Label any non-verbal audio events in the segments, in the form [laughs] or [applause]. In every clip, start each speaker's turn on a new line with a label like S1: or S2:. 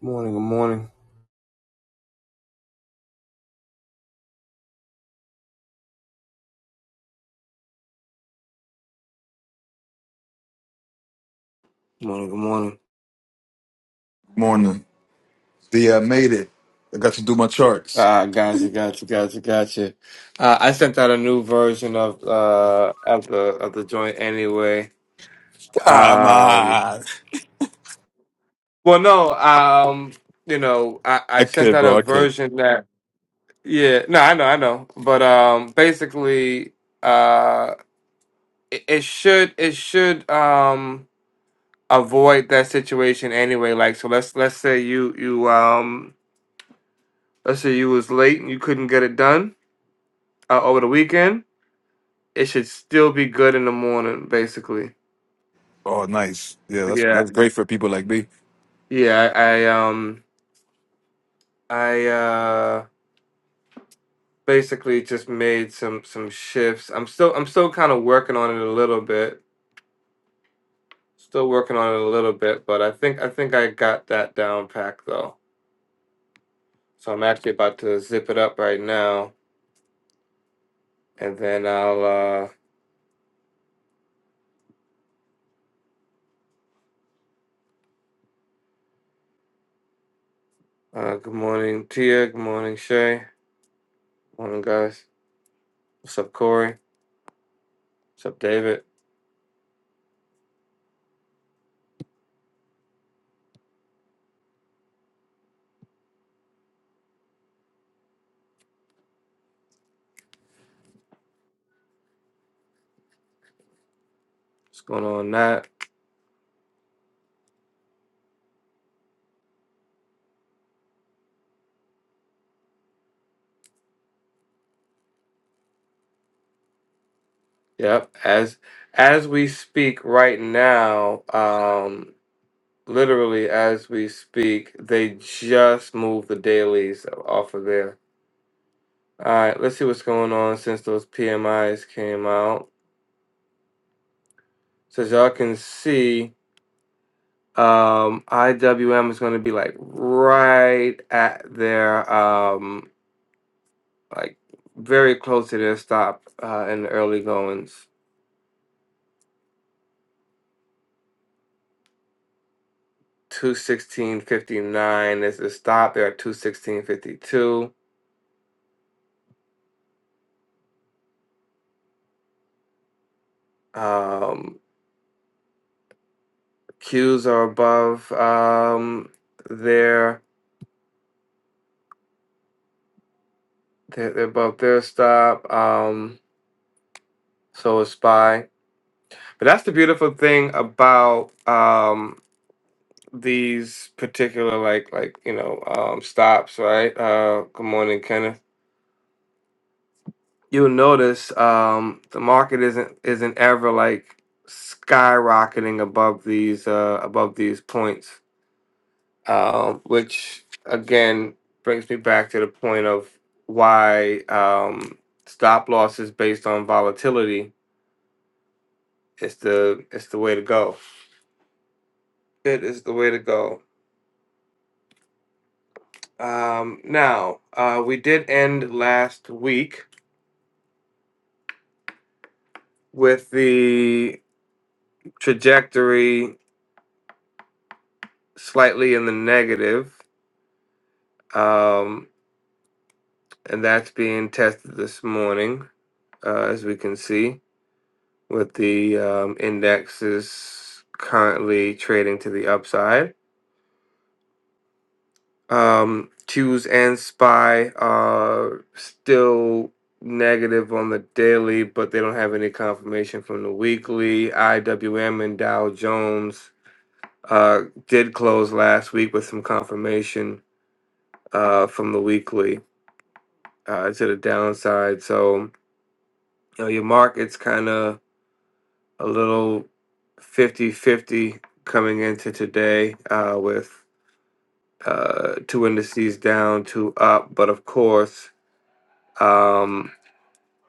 S1: Morning, good morning. Good Morning, good morning.
S2: Morning. The I made it. I got to do my charts.
S1: Ah, gotcha, gotcha, gotcha, gotcha. Uh, I sent out a new version of uh of the of the joint anyway.
S2: Come
S1: Um,
S2: on.
S1: well, no, um, you know, I I
S2: I
S1: sent
S2: could,
S1: out a
S2: bro. I could.
S1: version that yeah, no, I know, I know, but um, basically, uh, it, it should it should um avoid that situation anyway. Like, so let's let's say you you um let's say you was late and you couldn't get it done uh, over the weekend it should still be good in the morning, basically.
S2: Oh, nice. Yeah, that's
S1: Yeah.
S2: that's great for people like me.
S1: Yeah, I, I um I uh basically just made some some shifts. I'm still I'm still kind of working on it a little bit. Still working on it a little bit, but I think I think I got that down packed though. So I'm actually about to zip it up right now and then I'll uh uh good morning Tia, good morning Shay. Morning guys. What's up Corey? What's up David? What's going on Nat? Yep. As as we speak right now, um, literally as we speak, they just moved the dailies off of there. All right, let's see what's going on since those PMIs came out. So as y'all can see, um, IWM is going to be like right at their um, like very close to their stop uh, in the early goings. 216.59 is the stop. They're at 216.52. Um, Qs are above um, their they're, they're above their stop. Um, so is SPY. But that's the beautiful thing about um, these particular like like you know um, stops, right? Uh, good morning, Kenneth. You'll notice um, the market isn't isn't ever like skyrocketing above these uh, above these points um, which again brings me back to the point of why um, stop loss is based on volatility. It's the it's the way to go. It is the way to go. Um, now uh, we did end last week with the trajectory slightly in the negative, um, and that's being tested this morning, uh, as we can see. with the um, indexes currently trading to the upside. Um, Q's and SPY are still negative on the daily, but they don't have any confirmation from the weekly. IWM and Dow Jones uh, did close last week with some confirmation uh, from the weekly uh, to the downside. So you know, your market's kind of a little fifty-fifty coming into today uh, with uh, two indices down, two up. But of course, um,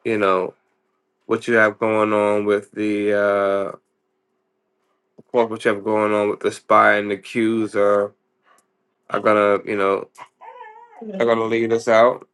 S1: you know what you have going on with the uh, of course what you have going on with the spy and the Qs are are gonna you know are gonna lead us out.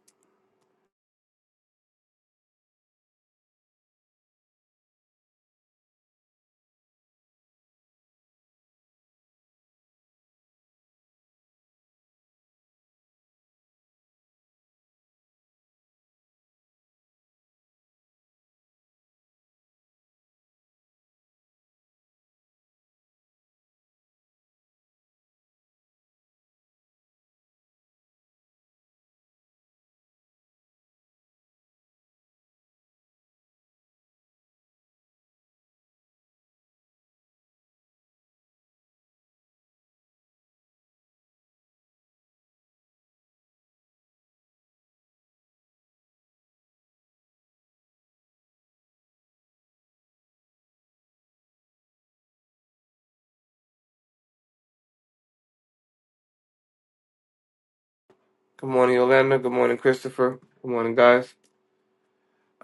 S1: Good morning, Yolanda. Good morning, Christopher. Good morning, guys.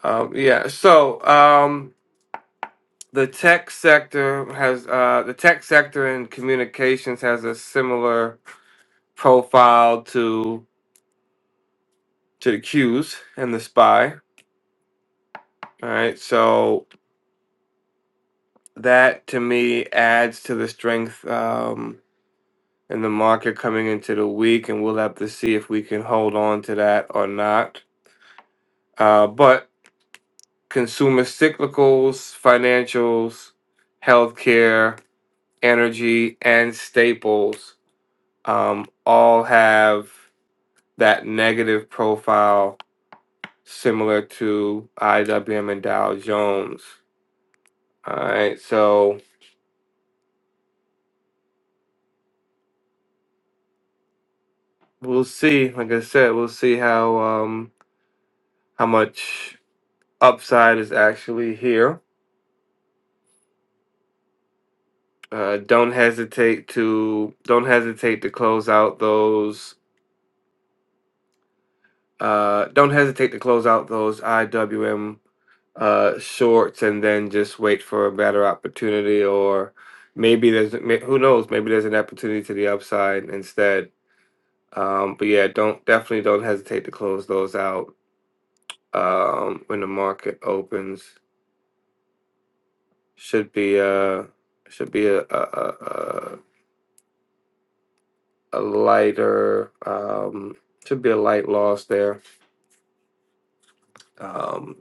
S1: Um, yeah. So um, the tech sector has uh, the tech sector and communications has a similar profile to to the Q's and the spy. All right, so that to me adds to the strength um, in the market coming into the week, and we'll have to see if we can hold on to that or not. Uh, but consumer cyclicals, financials, healthcare, energy, and staples um, all have that negative profile similar to IWM and Dow Jones. All right, so we'll see. Like I said, we'll see how um how much upside is actually here. Uh, don't hesitate to don't hesitate to close out those uh don't hesitate to close out those IWM uh shorts and then just wait for a better opportunity or maybe there's may- who knows maybe there's an opportunity to the upside instead. Um, but yeah, don't definitely don't hesitate to close those out um, when the market opens. Should be a should be a a a, a a lighter um, should be a light loss there. Um,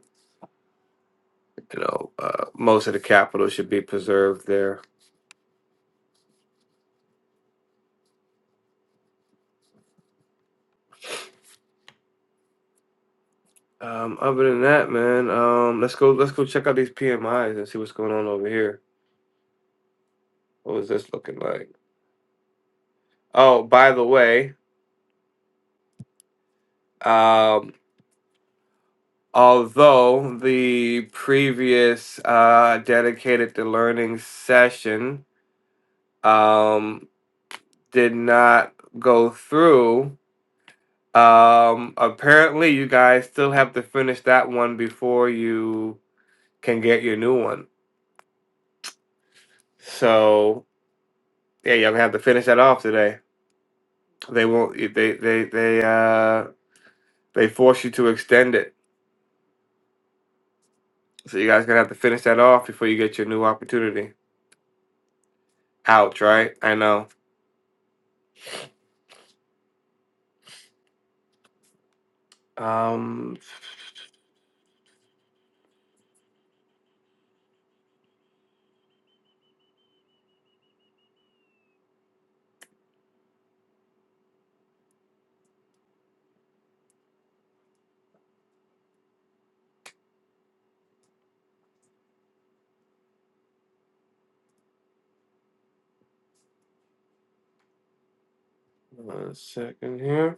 S1: you know, uh, most of the capital should be preserved there. Um, other than that, man, um, let's go let's go check out these PMIs and see what's going on over here. What was this looking like? Oh, by the way, um, although the previous uh, dedicated to learning session. Um, did not go through. Um, apparently, you guys still have to finish that one before you can get your new one. So yeah, you're gonna have to finish that off today. They won't. They they they uh they force you to extend it. So you guys gonna have to finish that off before you get your new opportunity. Ouch! Right? I know. Um, one second here.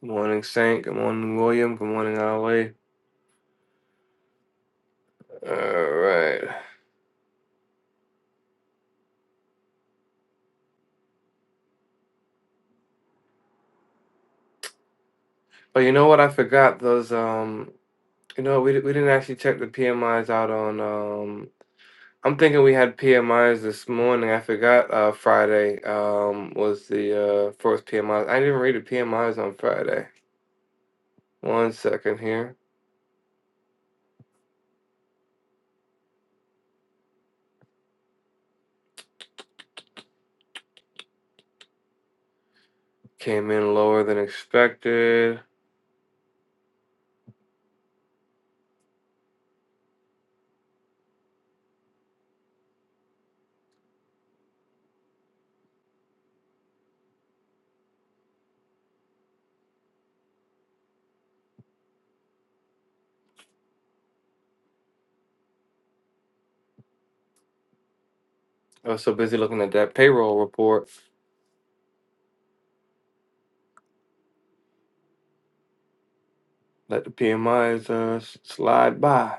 S1: Good morning, Saint. Good morning, William. Good morning, Ali. All right. Oh, you know what? I forgot those. Um, you know, we di- we didn't actually check the PMIs out on. Um, I'm thinking we had PMIs this morning. I forgot. Uh, Friday. Um, was the uh first PMI. I I didn't even read the PMIs on Friday. One second here. Came in lower than expected. I was so busy looking at that payroll report. Let the PMIs uh s- slide by.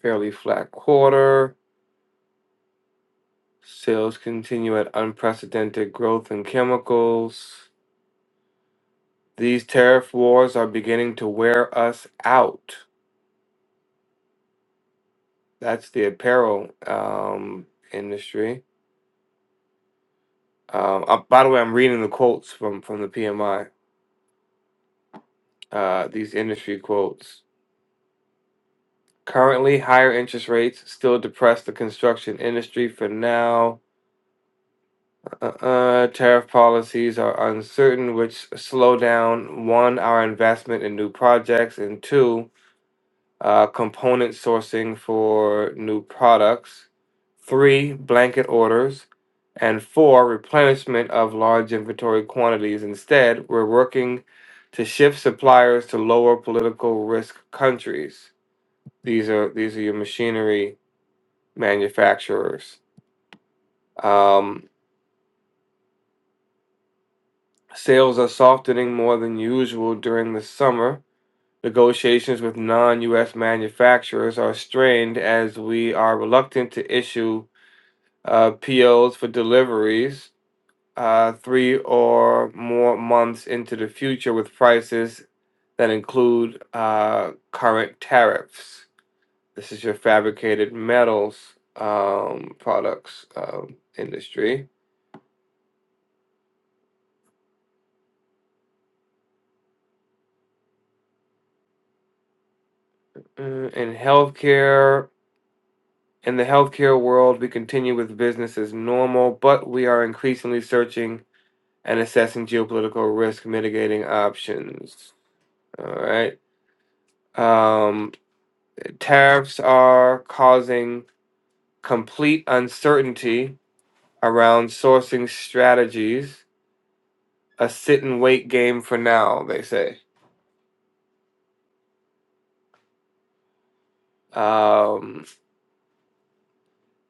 S1: Fairly flat quarter. Sales continue at unprecedented growth in chemicals. These tariff wars are beginning to wear us out. That's the apparel um, industry. Um, uh, by the way, I'm reading the quotes from, from the PMI, uh, these industry quotes. Currently, higher interest rates still depress the construction industry for now. Uh, uh, tariff policies are uncertain, which slow down one, our investment in new projects, and two, uh, component sourcing for new products, three, blanket orders, and four, replenishment of large inventory quantities. Instead, we're working to shift suppliers to lower political risk countries. These are these are your machinery manufacturers. Um, sales are softening more than usual during the summer. Negotiations with non-U.S. manufacturers are strained as we are reluctant to issue uh, POs for deliveries uh, three or more months into the future with prices that include uh, current tariffs. This is your fabricated metals um, products um, industry. Mm, In healthcare, in the healthcare world, we continue with business as normal, but we are increasingly searching and assessing geopolitical risk mitigating options. All right. Um. Tariffs are causing complete uncertainty around sourcing strategies, a sit and wait game for now, they say. Um,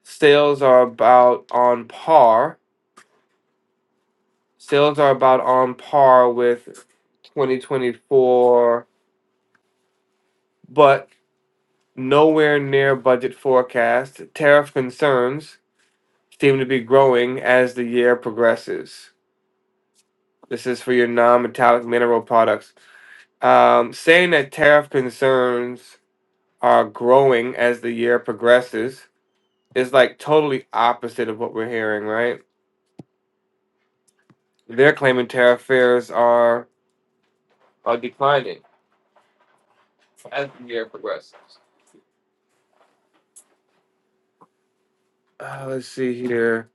S1: sales are about on par. Sales are about on par with 2024, but nowhere near budget forecast. Tariff concerns seem to be growing as the year progresses. This is for your non metallic mineral products. Um, saying that tariff concerns are growing as the year progresses is like totally opposite of what we're hearing, right? They're claiming tariff fears are are declining as the year progresses. Uh, let's see here.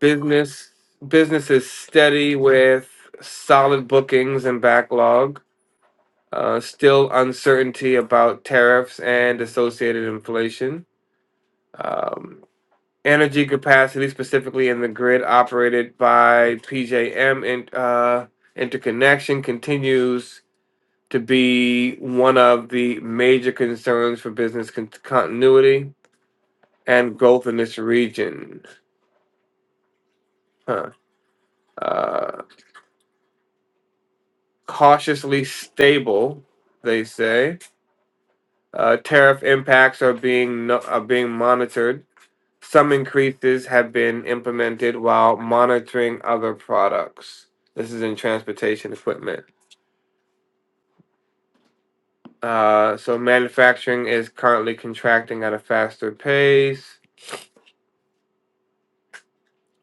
S1: Business business is steady with solid bookings and backlog. Uh, still uncertainty about tariffs and associated inflation. Um, energy capacity specifically in the grid operated by PJM and uh, interconnection continues to be one of the major concerns for business con- continuity and growth in this region. Huh. Uh, cautiously stable, they say. Uh, tariff impacts are being no- are being monitored Some increases have been implemented while monitoring other products. This is in transportation equipment. Uh, so manufacturing is currently contracting at a faster pace,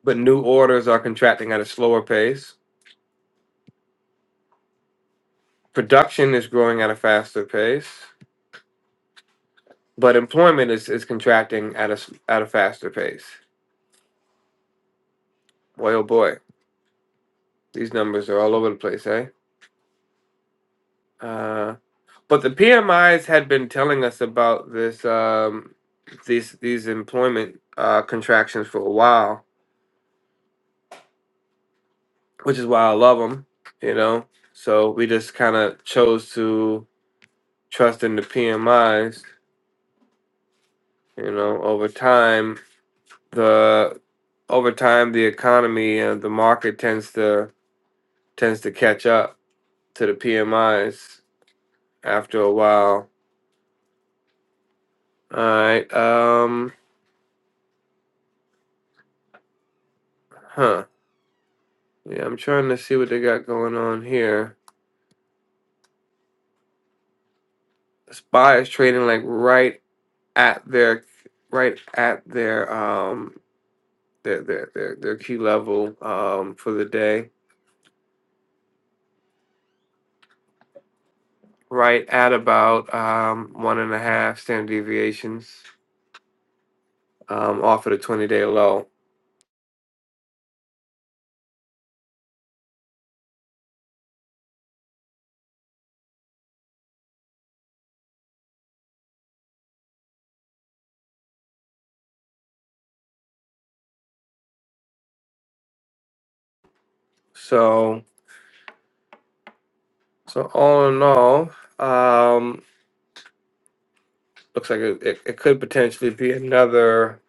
S1: but new orders are contracting at a slower pace. Production is growing at a faster pace, but employment is, is contracting at a s- at a faster pace. Boy, oh boy, these numbers are all over the place, eh? Uh, But the PMIs had been telling us about this um, these these employment uh, contractions for a while, which is why I love them. You know, so we just kind of chose to trust in the PMIs. You know, over time the over time the economy and the market tends to tends to catch up to the PMIs after a while. All right, um, huh? Yeah, I'm trying to see what they got going on here. SPY is trading like right at their right at their um their their their, their key level um for the day. Right at about um one and a half standard deviations um off of the twenty day low. So so all in all, um looks like it, it, it could potentially be another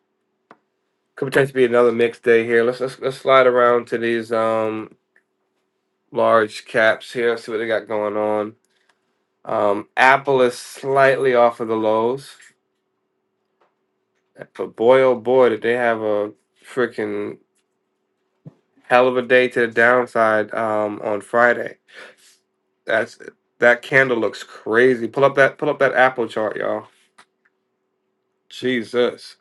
S1: could potentially be another mixed day here. Let's let's let's slide around to these um large caps here, see what they got going on. Um, Apple is slightly off of the lows, but boy, oh boy, did they have a freaking hell of a day to the downside um, on Friday. That's that candle looks crazy. Pull up that pull up that Apple chart, y'all. Jesus,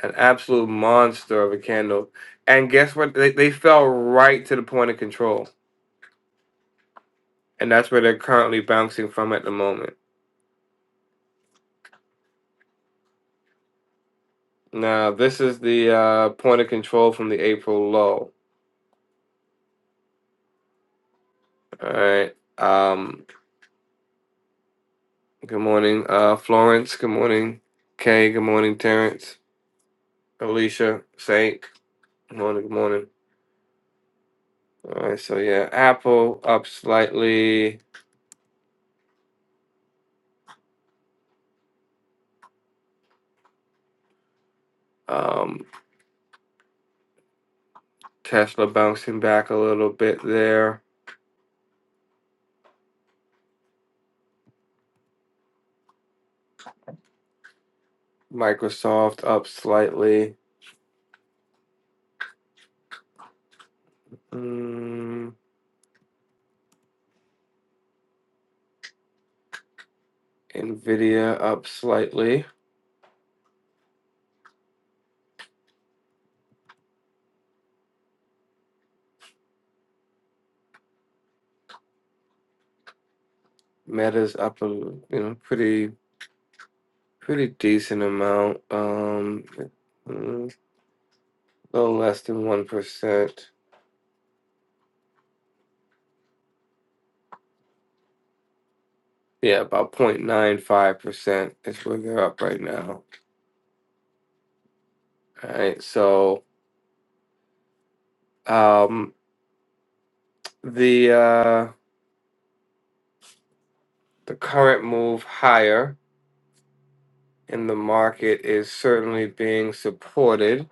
S1: an absolute monster of a candle. And guess what? They, they fell right to the point of control, and that's where they're currently bouncing from at the moment. Now, this is the uh, point of control from the April low. All right. Um, Good morning, uh, Florence. Good morning, Kay. Good morning, Terrence, Alicia, Saint. Good morning. Good morning. All right, so yeah, Apple up slightly. Um, Tesla bouncing back a little bit there. Microsoft up slightly. Mm, Nvidia up slightly. Meta's up a you know pretty pretty decent amount. Um, mm, a little less than one percent. Yeah, about 0.95% is where they're up right now. All right. So um the uh the current move higher in the market is certainly being supported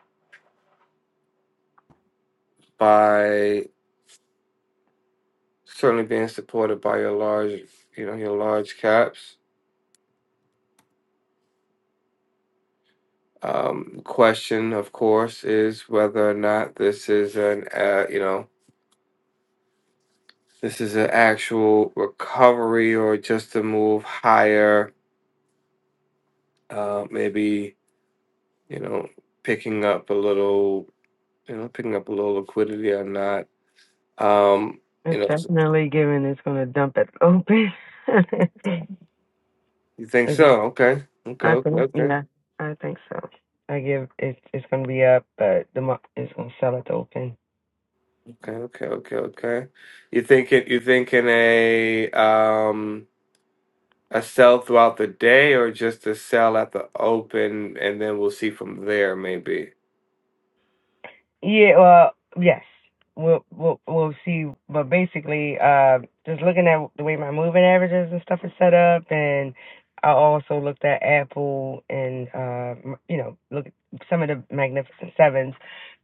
S1: by certainly being supported by your large you know your large caps. Um question of course is whether or not this is an uh, you know this is an actual recovery or just a move higher uh maybe you know, picking up a little, you know, picking up a little liquidity or not. Um, you
S3: It's
S1: know,
S3: definitely given it's gonna dump it open. [laughs]
S1: you think
S3: It's-
S1: so? Okay, okay,
S3: I
S1: okay,
S3: think
S1: okay,
S3: yeah, I think so. I give it's it's gonna be up, but the mo- it's gonna sell it open.
S1: okay, okay, okay. okay. You thinking you thinking a um a sell throughout the day or just a sell at the open, and then we'll see from there maybe.
S3: Yeah, well, yes. We'll we'll we'll see, but basically, uh, just looking at the way my moving averages and stuff is set up, and I also looked at Apple and uh, m- you know, look at some of the Magnificent Sevens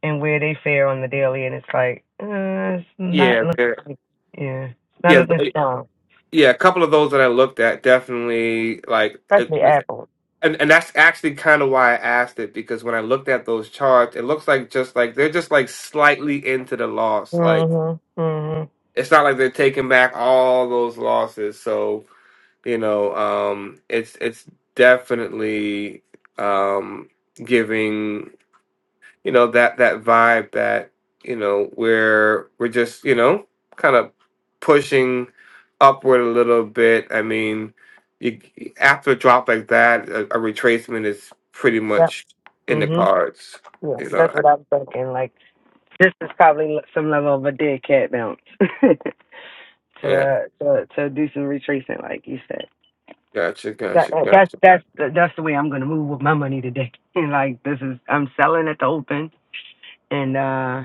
S3: and where they fare on the daily, and it's like uh, it's not
S1: Yeah,
S3: looking,
S1: there-
S3: like- yeah, it's not
S1: yeah,
S3: looking
S1: th-
S3: strong,
S1: yeah. A couple of those that I looked at definitely like.
S3: especially Apple.
S1: And and that's actually kind of why I asked it because when I looked at those charts, it looks like just like they're just like slightly into the loss. Like
S3: Mhm, mhm,
S1: it's not like they're taking back all those losses. So, you know, um it's it's definitely um giving you know that that vibe that you know we're we're just you know kind of pushing upward a little bit i mean you after a drop like that a, a retracement is pretty
S3: yep,
S1: much in the
S3: mhm,
S1: cards
S3: yeah,
S1: you know
S3: that's
S1: I-
S3: what I'm thinking. Like. This is probably some level of a dead cat bounce [laughs]
S1: yeah
S3: to, to to do some retracing, like you said.
S1: gotcha
S3: That,
S1: gotcha
S3: that- that's
S1: gotcha
S3: that's the, that's the way I'm gonna move with my money today. [laughs] And like this is, I'm selling at the open, and uh,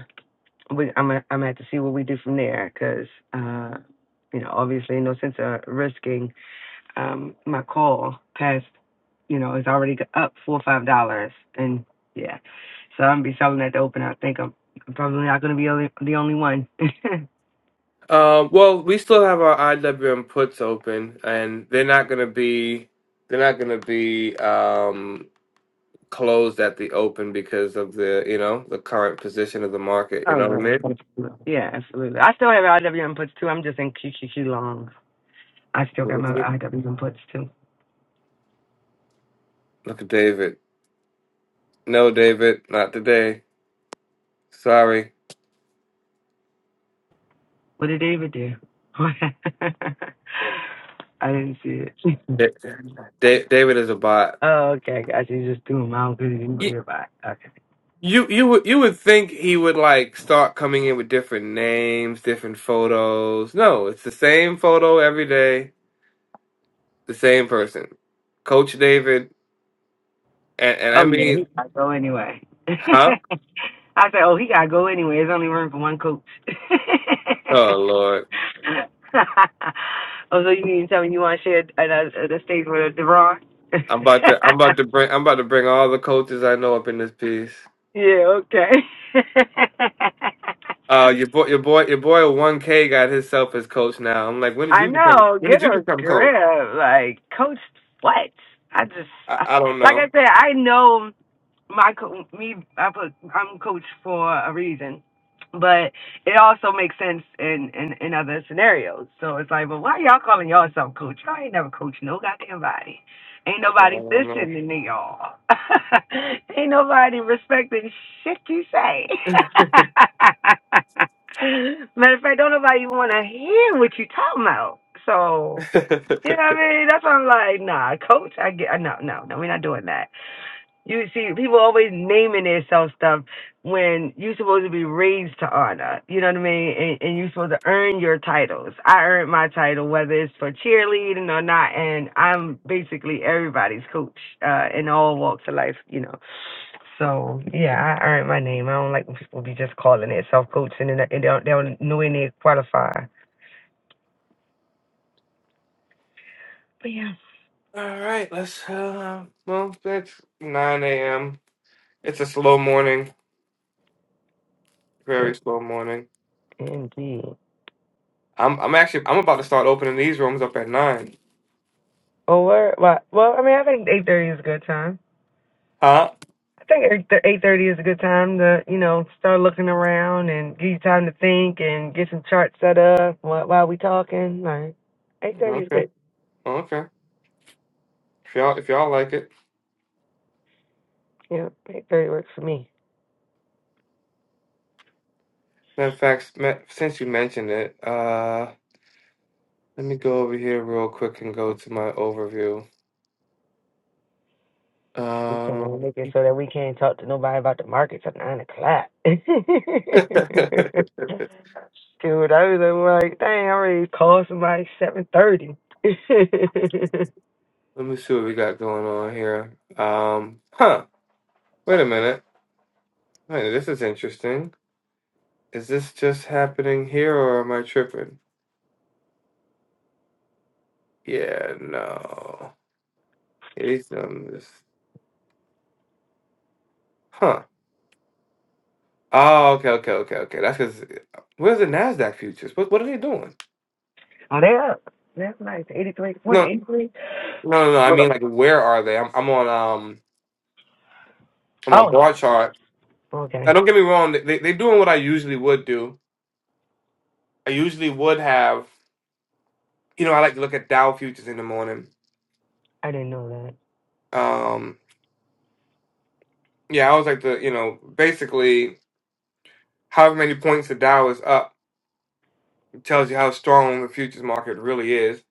S3: we, I'm gonna- I'm gonna have to see what we do from there, cause uh, you know, obviously, no sense of risking um, my call past, you know, is already up four or five dollars, and yeah, so I'm gonna be selling at the open. I think I'm, probably not gonna be only, the only one.
S1: um well we still have our iwm puts open and they're not gonna be they're not gonna be um closed at the open because of the you know the current position of the market
S3: [laughs]
S1: you
S3: oh
S1: know what i
S3: well,
S1: mean
S3: absolutely. yeah, absolutely. I still have IW inputs too. I'm just in QQQ long. I still got my
S1: Mhm.
S3: IW inputs too.
S1: Look at David. No, David, not today. Sorry.
S3: What did David do? [laughs] I didn't see it. [laughs]
S1: Da- Da- David is a bot.
S3: oh, okay, guys, you just threw them out because you didn't hear about. it. Okay.
S1: You, you you would you would think he would like start coming in with different names, different photos. No, it's the same photo every day, the same person, Coach David, and, and I
S3: Oh yeah,
S1: mean,
S3: he gotta go anyway. [laughs]
S1: huh?
S3: I said, oh, he gotta go anyway. There's only room for one coach. [laughs]
S1: Oh Lord,
S3: oh, so you mean to tell me you want to share uh, the, uh, the stage with DeBron? [laughs]
S1: I'm about to I'm about to bring I'm about to bring all the coaches I know up in this piece.
S3: yeah, okay.
S1: Uh, your
S3: [laughs]
S1: boy, your boy, your boy, one K got himself as coach now. I'm like, when did
S3: I
S1: you become?
S3: know.
S1: When did
S3: Get
S1: you
S3: a
S1: become coach?
S3: grip, like coach. What? I just,
S1: I,
S3: I-
S1: I don't
S3: like
S1: know.
S3: I said, I know. my co- me I put I'm coach for a reason, but it also makes sense in in in other scenarios. So it's like, but why y'all calling yourself coach? Y'all ain't never coached no goddamn body. Ain't
S1: I
S3: nobody
S1: don't know.
S3: listening to y'all. [laughs] ain't nobody respecting shit you say. [laughs] Matter of fact, don't nobody want to hear what you talking about. So you know
S1: [laughs]
S3: what I mean? That's why I'm like, nah, coach. I get no, no, no. We're not doing that. You see, people always naming themselves stuff when you're supposed to be raised to honor. You know what I mean? And, and you're supposed to earn your titles. I earned my title, whether it's for cheerleading or not, and I'm basically everybody's coach uh, in all walks of life. You know. So yeah, I earned my name. I don't like when people be just calling themselves coach and, then they don't they don't know when they qualify. But yeah,
S1: All right, let's. Uh, well, it's nine a.m. It's a slow morning, very
S3: In-
S1: slow morning.
S3: indeed.
S1: I'm, I'm actually, I'm about to start opening these rooms up at nine.
S3: Oh, we well, well, I mean, I think eight thirty is a good time.
S1: Huh?
S3: I think eight thirty is a good time to you know start looking around and give you time to think and get some charts set up while, while we talking. Like eight thirty is
S1: Okay,
S3: good.
S1: okay. If y'all, if y'all like it.
S3: Yeah, eight thirty works for me.
S1: Matter of fact, ma- since you mentioned it, uh, let me go over here real quick and go to my overview.
S3: We can
S1: Um,
S3: make it so that we can't talk to nobody about the markets at nine o'clock. [laughs] Dude,
S1: [laughs]
S3: I was like, like, dang, I already called somebody seven thirty. [laughs]
S1: Let me see what we got going on here. Um, huh. Wait a minute. Wait, this is interesting. Is this just happening here or am I tripping? Yeah, no. Yeah, These numbers. Huh. Oh, okay, okay, okay, okay. That's because where's the Nasdaq futures? What what are they doing?
S3: Are they up? That's nice. Eighty three point
S1: No, no,
S3: eight three.
S1: no, no. I
S3: Oh,
S1: mean, like, where are they? I'm, I'm on um, I'm on bar chart. Now,
S3: okay.
S1: don't get me wrong. They they doing what I usually would do. I usually would have. You know, I like to look at Dow futures in the morning.
S3: I didn't know that.
S1: Um, Yeah, I was like the you know basically however many points the Dow is up tells you how strong the futures market really is.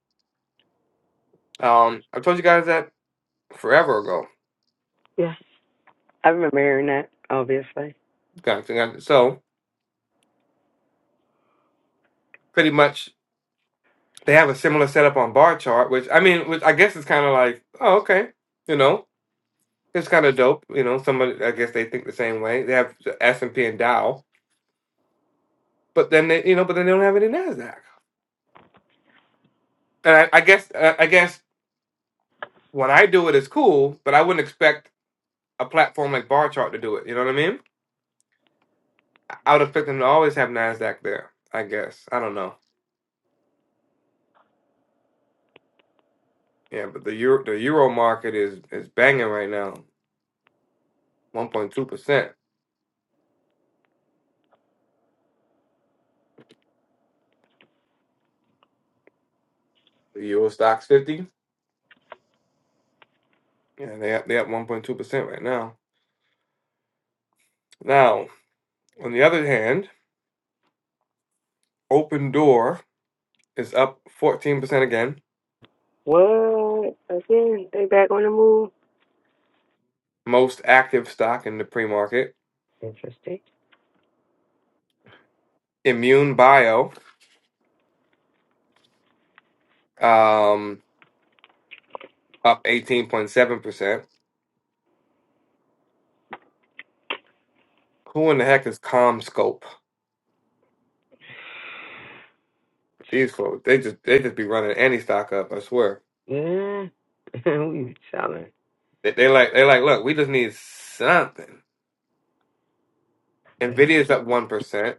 S1: Um, I told you guys that forever ago.
S3: Yeah. I remember hearing that, obviously.
S1: Guys, So pretty much they have a similar setup on bar chart, which I mean, which I guess is kind of like oh okay, you know it's kind of dope. You know, somebody I guess they think the same way. They have the S and P and Dow, but then they you know but then they don't have any Nasdaq. And I, I guess uh, I guess when I do it, it's cool, but I wouldn't expect a platform like bar chart to do it. You know what I mean? I would expect them to always have Nasdaq there. I guess I don't know. Yeah, but the euro the euro market is is banging right now, one point two percent. The euro stocks fifty. Yeah, they up, they up one point two percent right now. Now, on the other hand, Open Door is up fourteen percent again.
S3: What? Again, they back on the move?
S1: Most active stock in the pre market.
S3: Interesting.
S1: Immune Bio um up eighteen point seven percent. Who in the heck is ComScope? These folks, they just they just be running any stock up. I swear.
S3: Yeah. [laughs] we selling.
S1: They, they like they like look, we just need something.
S3: Good.
S1: Nvidia's up one percent.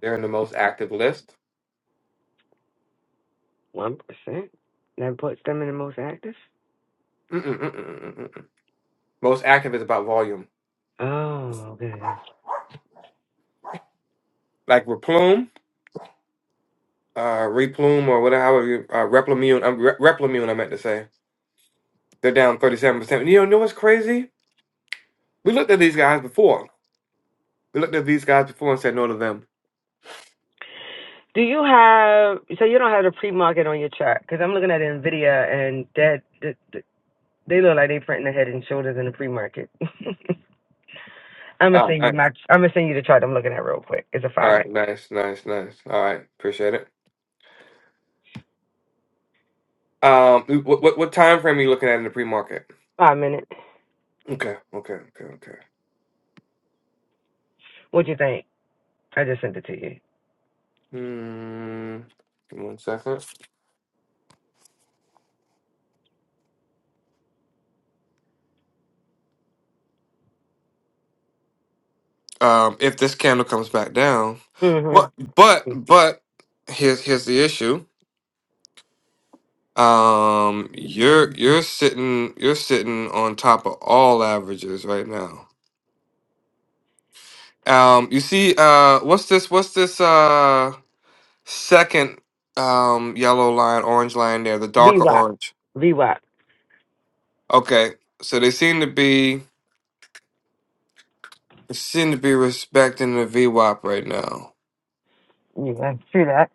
S1: They're in the most active list.
S3: One percent. That puts them in the most active.
S1: Mm-mm-mm-mm-mm. Most active is about volume.
S3: Oh, okay. gotcha.
S1: Like Replume, uh, Replume, or whatever. However, you, uh, Replimune. Um, Re- Replimune, I meant to say. They're down thirty-seven percent. You know what's crazy? We looked at these guys before. We looked at these guys before and said no to them.
S3: Do you have? So you don't have the pre-market on your chart because I'm looking at Nvidia and that that- that- they look like they printing the head and shoulders in the pre-market. [laughs] I'm gonna
S1: Oh,
S3: send you my.
S1: nice.
S3: I'm gonna send you the chart I'm looking at real quick. It's a
S1: All
S3: five
S1: right,
S3: minute.
S1: nice, nice, nice. All right, appreciate it. Um, what what, what time frame are you looking at in the pre-market?
S3: Five minute.
S1: Okay, okay, okay, okay.
S3: What you think? I just sent it to you.
S1: Hmm. give me One second. Um, if this candle comes back down, but
S3: Mm-hmm.
S1: but but here's here's the issue. Um, you're you're sitting you're sitting on top of all averages right now. Um, you see, uh, what's this? What's this? Uh, second um yellow line, orange line there, the darker
S3: VWAP,
S1: orange.
S3: VWAP.
S1: Okay, so they seem to be they seem to be respecting the VWAP right now.
S3: You can see that.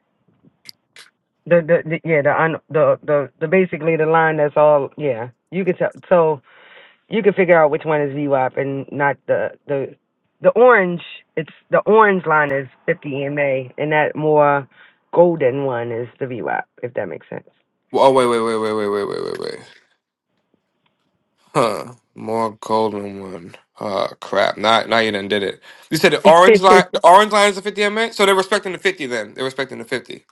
S3: The the, the yeah the un, the the the basically the line that's all yeah. You can tell so you can figure out which one is VWAP and not the the the orange. It's the orange line is 50 EMA and that more golden one is the VWAP if that makes
S1: Oh wait wait wait wait wait wait wait wait wait. Huh. More golden one. Oh crap. Now now you done did it. You said the orange
S3: sense. [laughs]
S1: line the orange line is a fifty MA? So they're respecting the fifty then. They're respecting the fifty.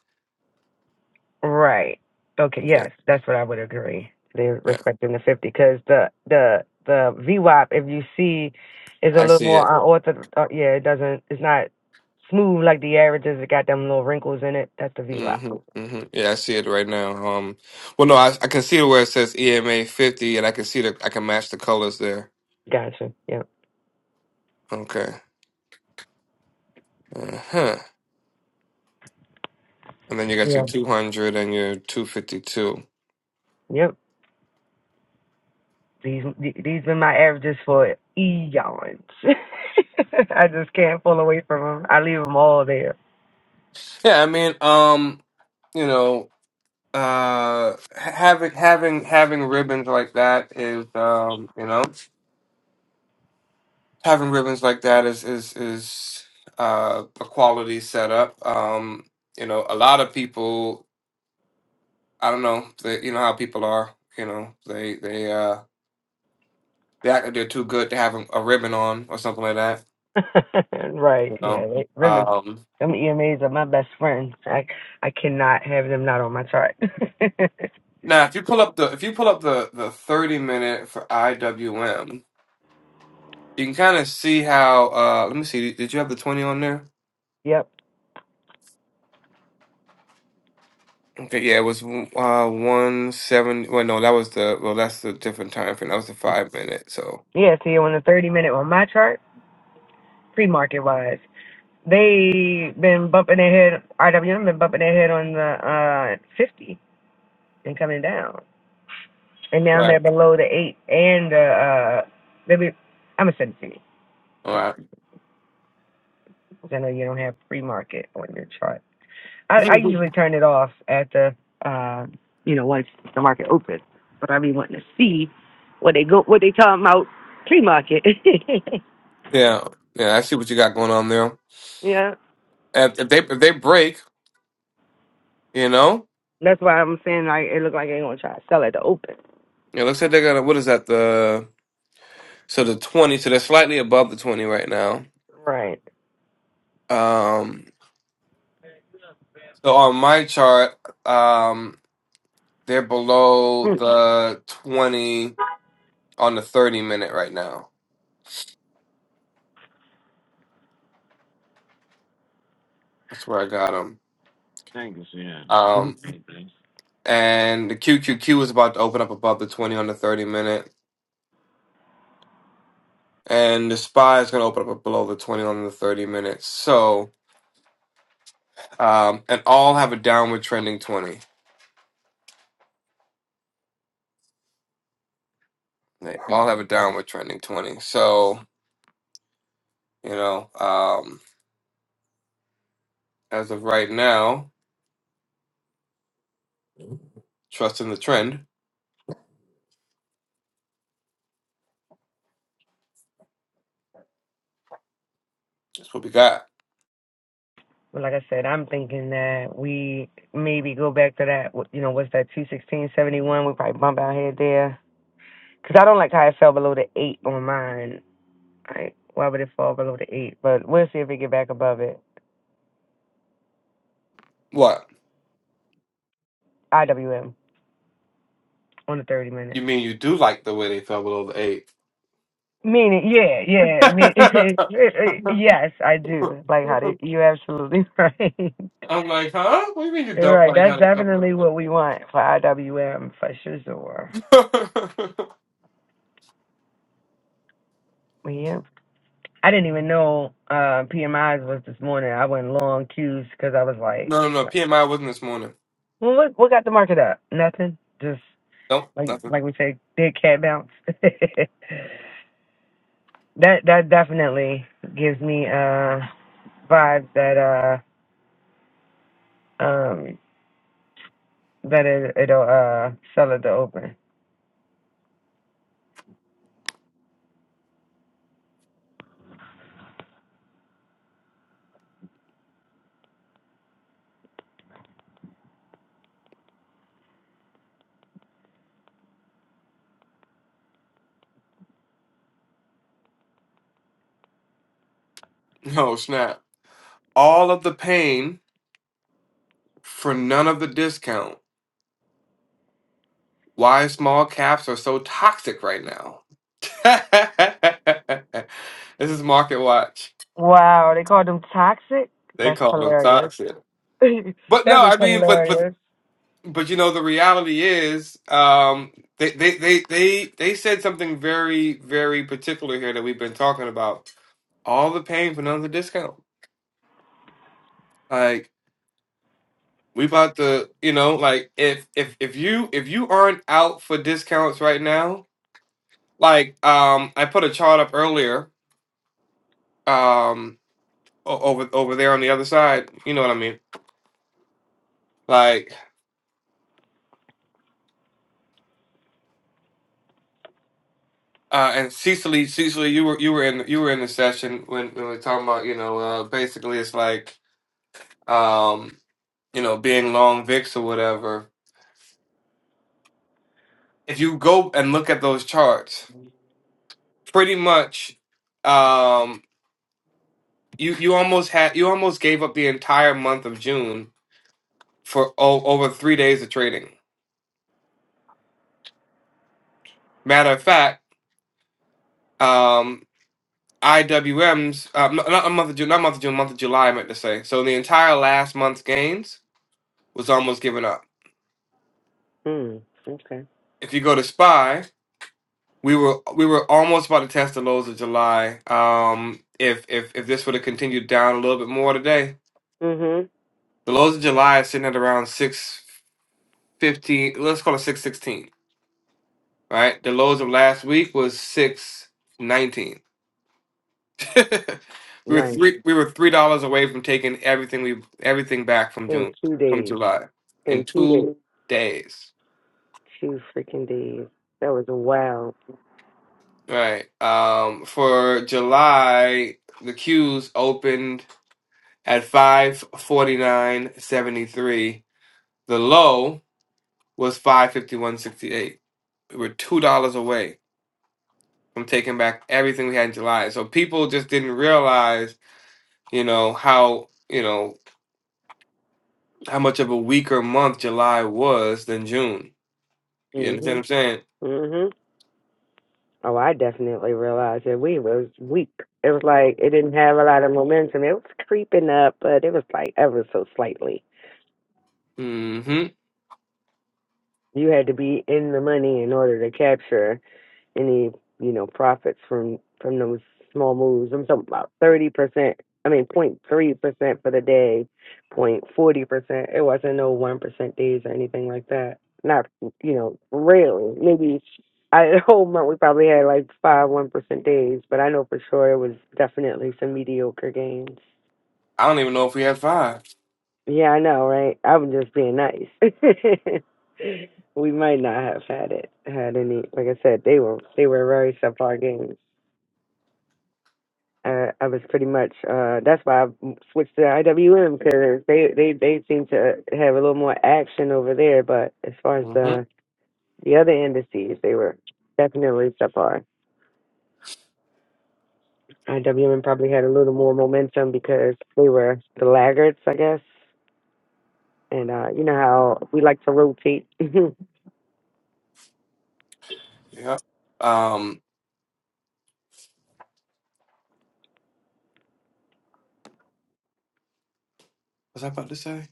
S3: Right. Okay.
S1: Okay.
S3: Yes, that's what I would agree. They're
S1: Yeah.
S3: respecting the fifty because the the the VWAP, if you see, is a
S1: I
S3: little
S1: see
S3: more
S1: it.
S3: unorthodox. Uh, yeah, it doesn't. It's not smooth like the averages. It got them little wrinkles in it. That's the VWAP.
S1: hmm hmm Yeah, I see it right now. Um well no, I I can see where it says EMA fifty and I can see the I can match the colors there.
S3: Gotcha. Yep.
S1: Okay. Uh-huh. And then you got your
S3: Yeah.
S1: two hundred and your two fifty two.
S3: Yep. These these been my averages for eons. [laughs] I just can't pull away from them. I leave them all there.
S1: Yeah, I mean, um, you know. uh having having having ribbons like that is um you know having ribbons like that is is is uh a quality setup um you know a lot of people i don't know they, you know how people are you know they they uh they act like they're too good to have a, a ribbon on or something like that
S3: [laughs] right.
S1: you
S3: Yeah.
S1: know
S3: Like, ribbons.
S1: um
S3: Them EMAs are my best friends. I I cannot have them not on my chart. [laughs]
S1: now if you pull up the if you pull up the the 30 minute for iwm you can kind of see how uh let me see did you have the 20 on there
S3: yep.
S1: Okay, yeah, it was uh one seven. Well, no, that was the well, that's the different time frame. That was the five minute. So
S3: Yeah. See, on the thirty minute on my chart, pre market wise, they been bumping their head. RWM been bumping their head on the uh fifty and coming down, and now
S1: right,
S3: they're below the eight and the uh. Maybe I'm gonna send it to
S1: all
S3: you.
S1: right,
S3: 'cause I know you don't have pre market on your chart. I,
S1: [laughs]
S3: I usually turn it off at the, uh, you know, once the market opens. But I be wanting to see what they go, what they talking about pre-market. [laughs]
S1: yeah, yeah. I see what you got going on there.
S3: yeah,
S1: And if they if they break, you know,
S3: that's why I'm saying like it look like they gonna try to sell at the open.
S1: it looks like they got a, what is that the so the twenty. So they're slightly above the twenty right now.
S3: Right.
S1: Um, so on my chart, um, they're below
S3: Mhm.
S1: the twenty on the thirty minute right now. That's where I got them. and the QQQ is about to open up above the 20 on the 30 minute, and the SPY is going to open up below the 20 on the 30 minute. So, um, and all have a downward trending 20. They all have a downward trending 20. So, you know, um, as of right now, trusting the trend, that's what we got.
S3: But like I said, I'm thinking that we maybe go back to that. what- You know, what's that? Two sixteen seventy one. We probably bump out here there. Cause I don't like how it fell below the eight on mine. Like, why would it fall below the eight? But we'll see if we get back above it.
S1: What?
S3: IWM. on the 30 minute.
S1: You mean you do like the way they fell below the eight?
S3: Meaning, yeah, yeah, me,
S1: [laughs] I'm
S3: [laughs] yes, I do. Like how they, you absolutely [laughs] right.
S1: like, huh? What do you mean you don't
S3: right,
S1: like
S3: that's
S1: how they fell
S3: definitely what
S1: below
S3: we want for IWM for sure.
S1: the eight? [laughs]
S3: Yeah. I didn't even know uh, PMIs was this morning. I went long queues because I was like,
S1: no, no, no. PMI wasn't this morning.
S3: well, what, what got the market up? Nothing. Just
S1: Nope,
S3: like
S1: nothing.
S3: like we say, big cat bounce. [laughs] that that definitely gives me uh vibes that uh um that it, it'll uh sell at the open.
S1: [laughs] No, snap. all of the pain for none of the discount. Why small caps are so toxic right now. [laughs] this is Market Watch.
S3: Wow, they call them toxic?
S1: They
S3: That's
S1: call them
S3: hilarious.
S1: toxic.
S3: [laughs]
S1: But no,
S3: That is
S1: I mean, but but
S3: hilarious.
S1: but you know, the reality is, um, they they they they they said something very very particular here that we've been talking about. All the pain for none of the discount. Like we about to, you know, like if if if you if you aren't out for discounts right now Like um, I put a chart up earlier um, o- over over there on the other side. You know what I mean? Like uh, and Cecily, Cecily, you were you were in you were in the session when, when we were talking about you know uh, basically it's like um, you know being long VIX or whatever. If you go and look at those charts, pretty much um, you you almost had you almost gave up the entire month of June for o- over three days of trading. Matter of fact. um. IWM's uh, m- not a month of June, not month of June, month of July, I meant to say. So the entire last month's gains was almost given up.
S3: Mm, okay.
S1: If you go to Spy, we were we were almost about to test the lows of July. Um, if if if this would have continued down a little bit more today,
S3: Mm-hmm.
S1: the lows of July is sitting at around six fifteen. Let's call it six sixteen. Right, the lows of last week was six nineteen. [laughs] we were
S3: Nice.
S1: three we were three dollars away from taking everything we everything back from
S3: In
S1: June
S3: two
S1: from
S3: days.
S1: July in
S3: In two
S1: two
S3: days.
S1: days.
S3: Two freaking days. That was wild.
S1: Right. Um for July the queues opened at five forty nine seventy three. The low was five fifty one sixty eight. We were two dollars away from taking back everything we had in July. So people just didn't realize, you know, how you know, how much of a weaker month July was than June You understand what
S3: Mm-hmm.
S1: I'm saying?
S3: Mm-hmm. Oh, I definitely realized that we was weak. It was like it didn't have a lot of momentum. It was creeping up, but it was like ever so slightly.
S1: Mm-hmm.
S3: You had to be in the money in order to capture any you know profits from from those small moves. I'm talking about thirty percent. I mean, point 03 percent for the day, point 40 percent. It wasn't no one percent days or anything like that. Not you know rarely. Maybe I [laughs] the whole month we probably had like five one percent days, but I know for sure it was definitely some mediocre gains.
S1: I don't even know if we have five.
S3: Yeah, I know, right? I'm just being nice. [laughs] we might not have had it had any. Like I said, they were they were very subpar games. uh, I was pretty much uh, that's why I switched to IWM because they they they seem to have a little more action over there. But as far as
S1: Mm-hmm.
S3: the the other indices, they were definitely subpar. IWM probably had a little more momentum because they were the laggards, I guess. And uh, you know how we like to rotate. [laughs]
S1: Yeah. Um, was I about to say?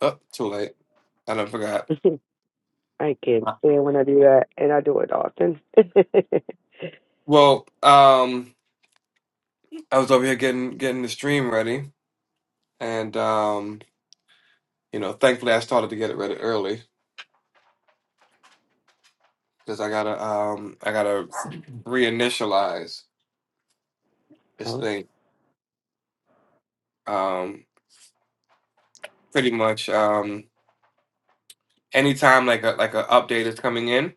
S1: Oh, too late. I done forgot.
S3: I can't stand when I do that, and I do it often. [laughs]
S1: Well, um, I was over here getting getting the stream ready, and um, you know, thankfully I started to get it ready early because I gotta um I gotta reinitialize this
S3: oh.
S1: thing. Um, pretty much um anytime like a like a update is coming in,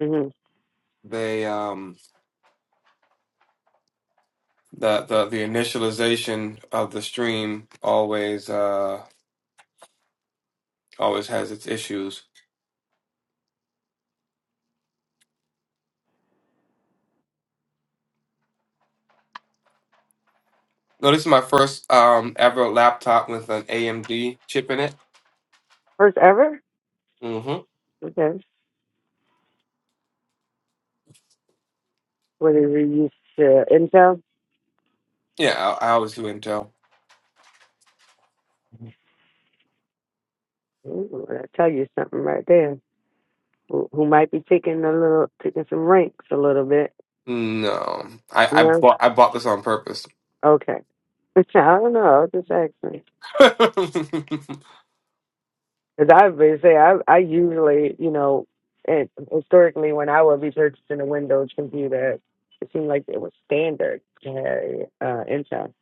S3: hmm
S1: they um the the the initialization of the stream always uh always has its issues. No, this is my first um ever laptop with an AMD chip in it.
S3: First ever?
S1: hmm
S3: Okay. What did we use? Uh, Intel?
S1: Yeah, I, I always do Intel.
S3: Ooh, Lord, I tell you something right there. Who, who might be taking a little, taking some ranks a little bit?
S1: No, I I
S3: No,
S1: bought I bought this on purpose.
S3: okay. [laughs] I don't know. I was Just asking.
S1: [laughs] no,
S3: Because I would say I, I usually, you know, and historically when I would be purchasing a Windows computer, it seemed like it was standard to have uh, Intel.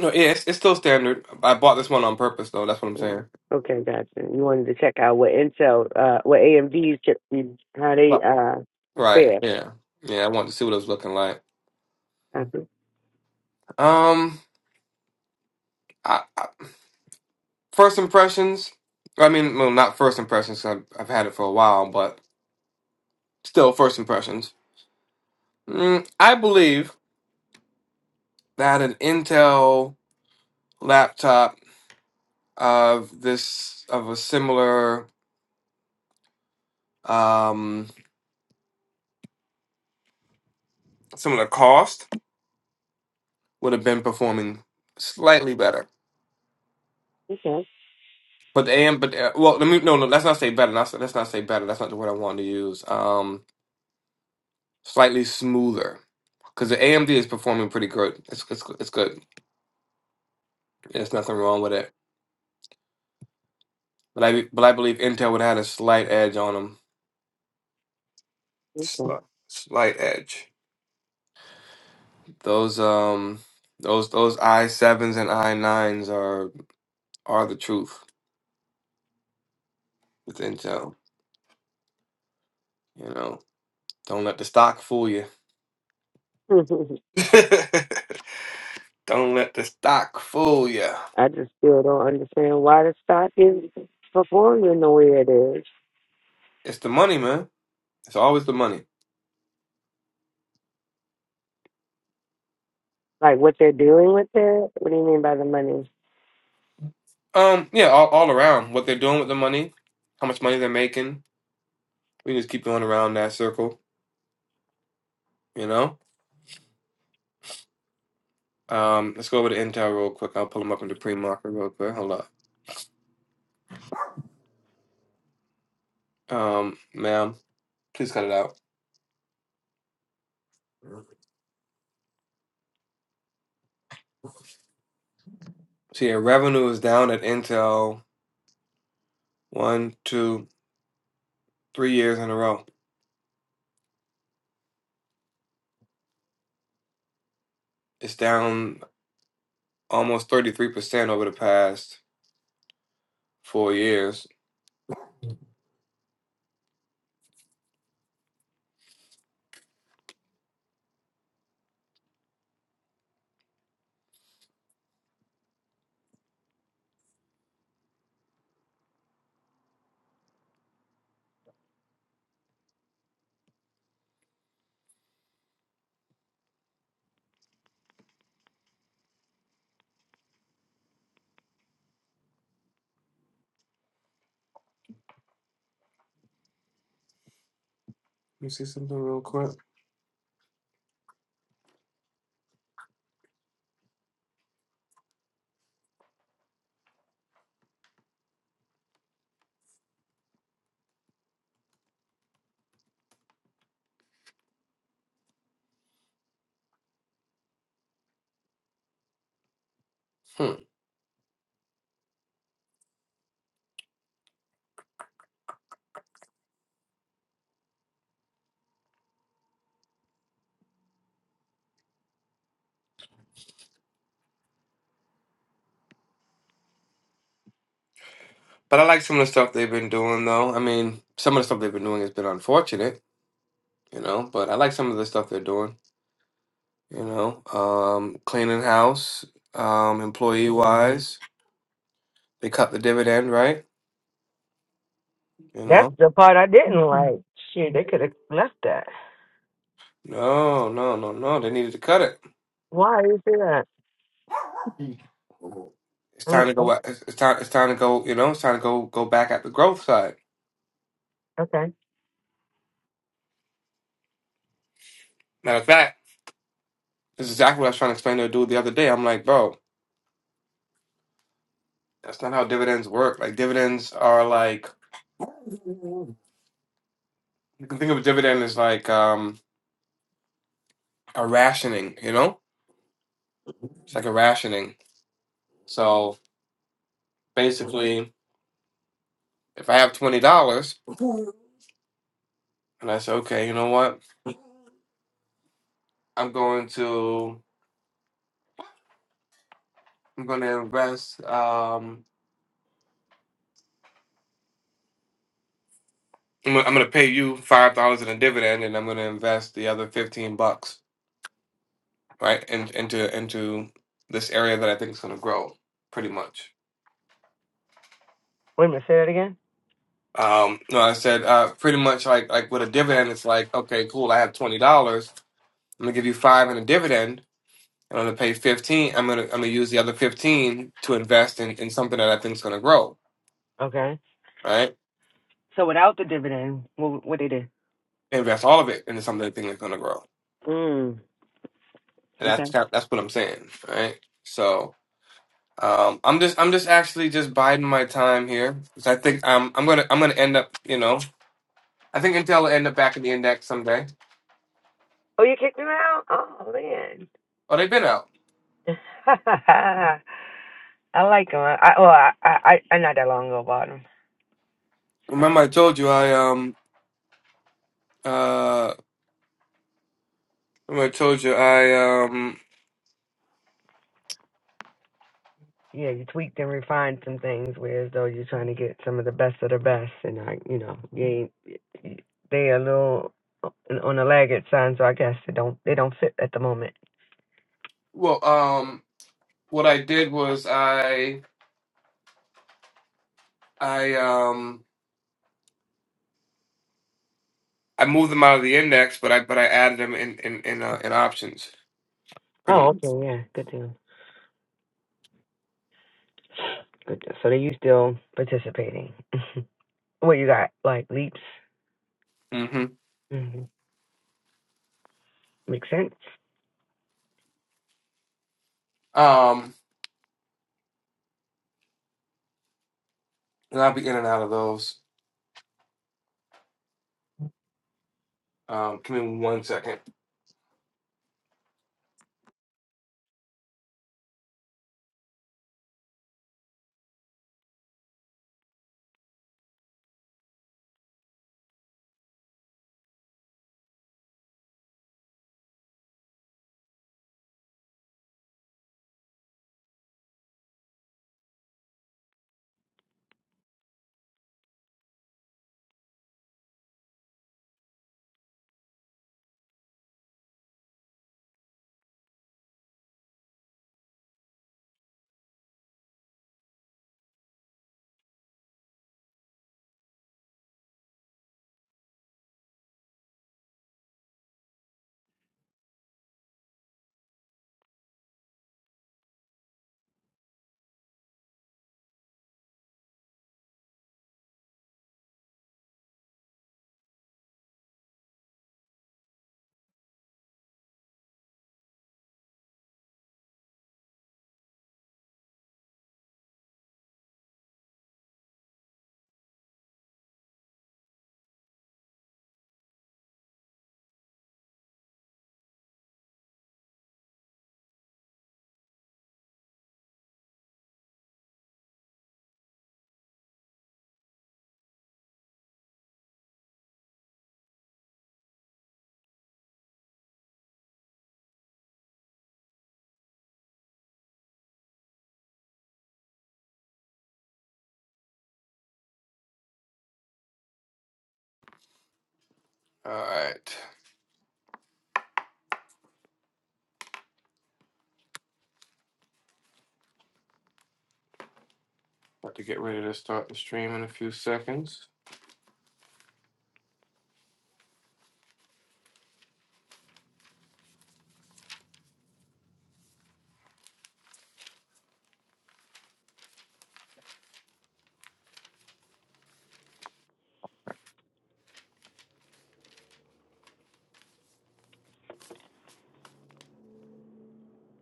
S1: yeah, it's, it's still standard. I bought this one on purpose though. That's what I'm saying.
S3: Mm. Okay, gotcha. You wanted to check out what Intel, uh, what AMD's chips, be- how they
S1: Right.
S3: uh,
S1: Right.
S3: fare.
S1: Yeah. Yeah. I wanted to see what it was looking like.
S3: Uh-huh.
S1: Um, I, I, first impressions. I mean, well, not first impressions. 'cause I've, I've had it for a while, but Still, first impressions. Mm, I believe that an Intel laptop of this of a similar um, similar cost would have been performing slightly better.
S3: Okay.
S1: But the AM, but uh, well, let me no, no. Let's not say better. Let's, let's not say better. That's not the word I wanted to use. Um, slightly smoother because the AMD is performing pretty good. It's it's it's good. There's nothing wrong with it. But I but I believe Intel would have had a slight edge on them. Slight, slight edge. Those um those those I sevens and I nines are are the truth with Intel. You know, don't let the stock fool you.
S3: Okay. [laughs]
S1: [laughs] don't let the stock fool you.
S3: I just still don't understand why the stock is performing the way it is.
S1: It's the money, man. It's always the money.
S3: Like what they're doing with it. What do you mean by the money?
S1: Um, yeah, all, all around what they're doing with the money, how much money they're making. We can just keep going around that circle. You know. Um, let's go over to Intel real quick. I'll pull them up into pre-market real quick. Hold up. Um, ma'am, please cut it out. So yeah, revenue is down at Intel One, two, three years in a row. It's down almost 33% over the past four years. Let me see something real quick. Hmm. But I like some of the stuff they've been doing, though. I mean, some of the stuff they've been doing has been unfortunate, you know, but I like some of the stuff they're doing, you know, um, cleaning house, um, employee wise. They cut the dividend, right? You
S3: That's
S1: know?
S3: the part I didn't like. Shit, they could have left that.
S1: No, no, no, no. They needed to cut
S3: Why do you say that?
S1: it. It's
S3: I
S1: time
S3: mean,
S1: to go.
S3: o-
S1: a- It's it's time. It's time to go. You know, it's time to go. Go back at the growth side.
S3: okay.
S1: Matter of fact, this is exactly what I was trying to explain to a dude the other day. I'm like, bro, that's not how dividends work. Like dividends are like you can think of a dividend as like um a rationing, you know? It's like a rationing. So basically if I have twenty dollars and I say, okay, you know what? I'm going to I'm gonna invest um I'm gonna I'm gonna pay you five dollars in a dividend and I'm gonna invest the other fifteen bucks, right? In, into into this area that I think is gonna grow pretty much.
S3: Wait a minute, say that again.
S1: Um, no, I said uh, pretty much like like with a dividend, it's like okay, cool. I have twenty dollars. I'm gonna give you five in a dividend. and I'm gonna pay fifteen. I'm gonna I'm gonna use the other fifteen to invest in, in something that I think is gonna grow.
S3: Okay.
S1: Right?
S3: So without the dividend, what what they did?
S1: Invest all of it into something that I think is gonna grow.
S3: Mm.
S1: And
S3: Okay.
S1: that's kind- that's what I'm saying. Right? So um, I'm just I'm just actually just biding my time here 'cause I think I'm I'm gonna I'm gonna end up you know I think Intel will end up back in the index someday.
S3: Oh, you kicked him out? Oh man.
S1: Oh, they've been out.
S3: [laughs] I like him. I, I well, I, I I I not that long ago bought him. so.
S1: Remember I told you I um. uh, I told you I um
S3: yeah, you tweaked and refined some things, whereas though you're trying to get some of the best of the best, and I, you know, you ain't, y- they a little uh, on the laggard side, so I guess they don't they don't fit at the moment.
S1: well um what I did was I I um I moved them out of the index, but I but I added them in in in, uh, in options pretty
S3: Oh,
S1: much.
S3: okay, yeah, good deal, good deal. So they you still participating? [laughs] what you got? Like leaps?
S1: hmm
S3: hmm Makes sense.
S1: Um, and I'll be in and out of those. Um, give me one second. All right, about to get ready to start the stream in a few seconds.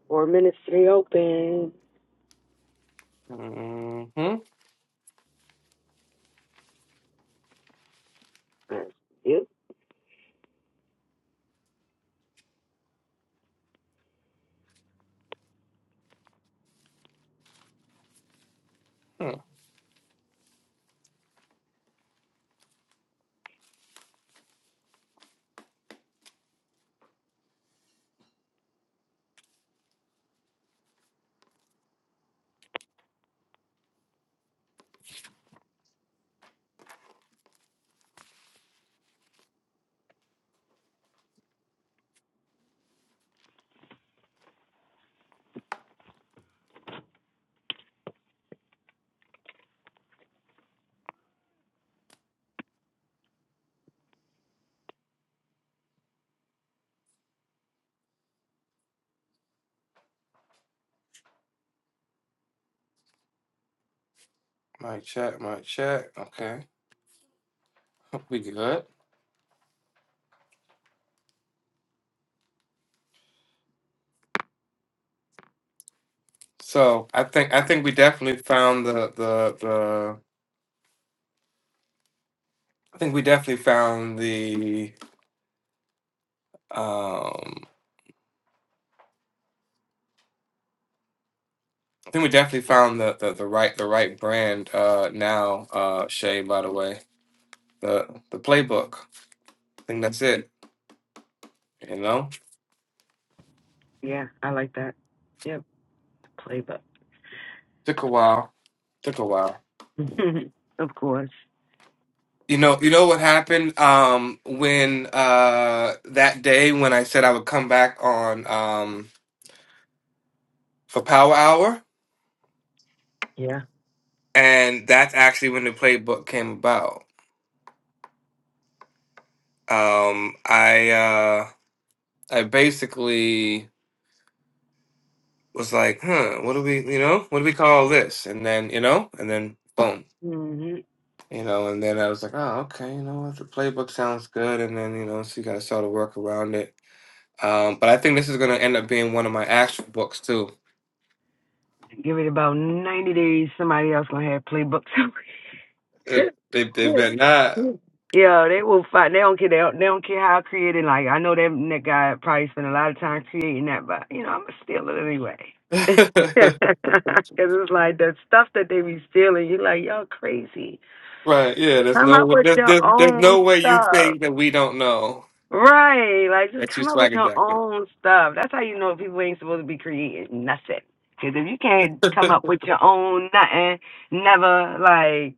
S3: Four minutes to be open.
S1: Mm-hmm.
S3: That's it.
S1: My chat, my chat. Okay, [laughs] we good. So I think I think we definitely found the the I think we definitely found the um I think we definitely found the the, the right the right brand uh now uh Shay by the way the the playbook I think that's it you know
S3: Yeah, I like that. Yep, playbook.
S1: took a while took a while
S3: [laughs] of course.
S1: you know you know what happened um when uh that day when I said I would come back on um for power hour
S3: Yeah.
S1: and that's actually when the playbook came about um I uh I basically was like, huh, what do we, you know, what do we call this? And then, you know, and then boom,
S3: Mhm.
S1: you know, and then I was like, oh, okay, you know what, the playbook sounds good. And then, you know, so you got to sort of work around it. Um, but I think this is going to end up being one of my actual books too.
S3: Give it about 90 days, somebody else gonna have playbooks.
S1: If they,
S3: [laughs]
S1: they bet not.
S3: yeah, they will find. They don't care. They don't, they don't care how I create it. Like I know that that guy probably spent a lot of time creating that, but you know I'm gonna steal it anyway. [laughs] Cause it's like the stuff that they be stealing. You're like y'all crazy.
S1: [laughs] right. Yeah. There's
S3: Come
S1: no,
S3: up
S1: way-
S3: with
S1: there's,
S3: your
S1: there's, there's
S3: own
S1: no way you
S3: stuff.
S1: think that we don't know
S3: Right. Like, just
S1: that you
S3: come up with
S1: swagger
S3: your
S1: jacket.
S3: own stuff. That's how you know people ain't supposed to be creating nothing. Because if you can't come up with your own nothing, never, like,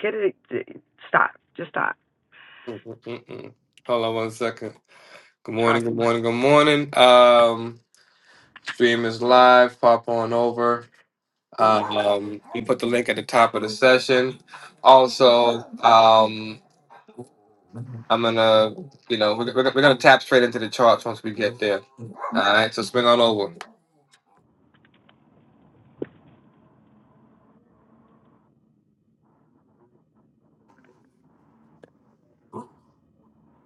S3: get it. Stop. Just stop.
S1: Mm-mm-mm-mm. Hold on one second. Good
S3: Try.
S1: morning. Good morning. Good morning. Um, Stream is live. Pop on over. Um, we put the link at the top of the session. Also, um, I'm gonna, you know, we're, we're, we're gonna tap straight into the charts once we get there. All right, so swing on over.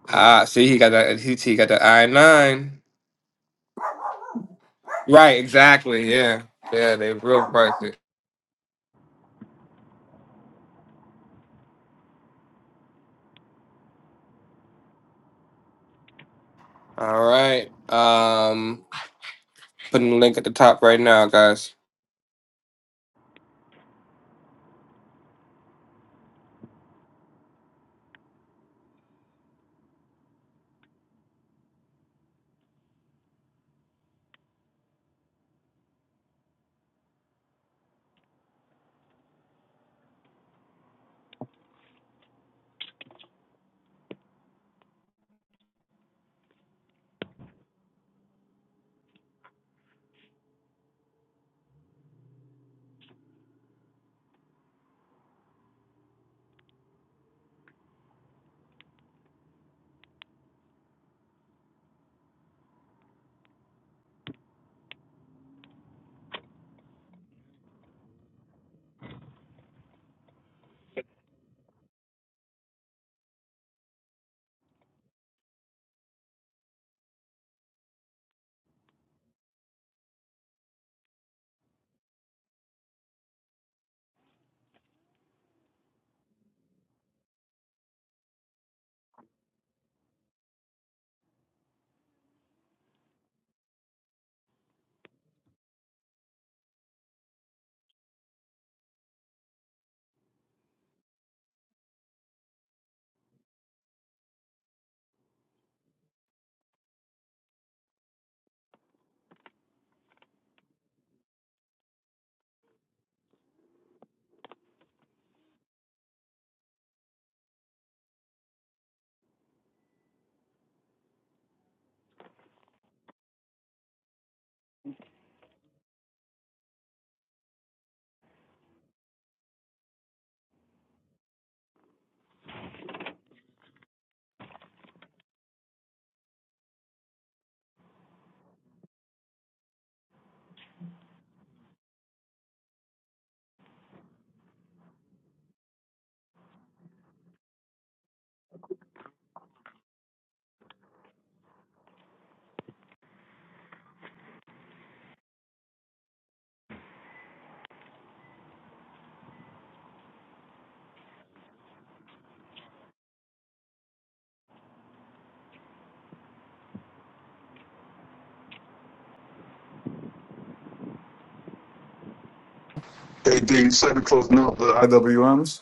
S1: Ah, see, he got that. He, he got that I nine. Right, exactly. Yeah, yeah, they real pricey. All right. Um, putting the link at the top right now, guys.
S2: Hey, D, Santa Claus, no, the IWMs.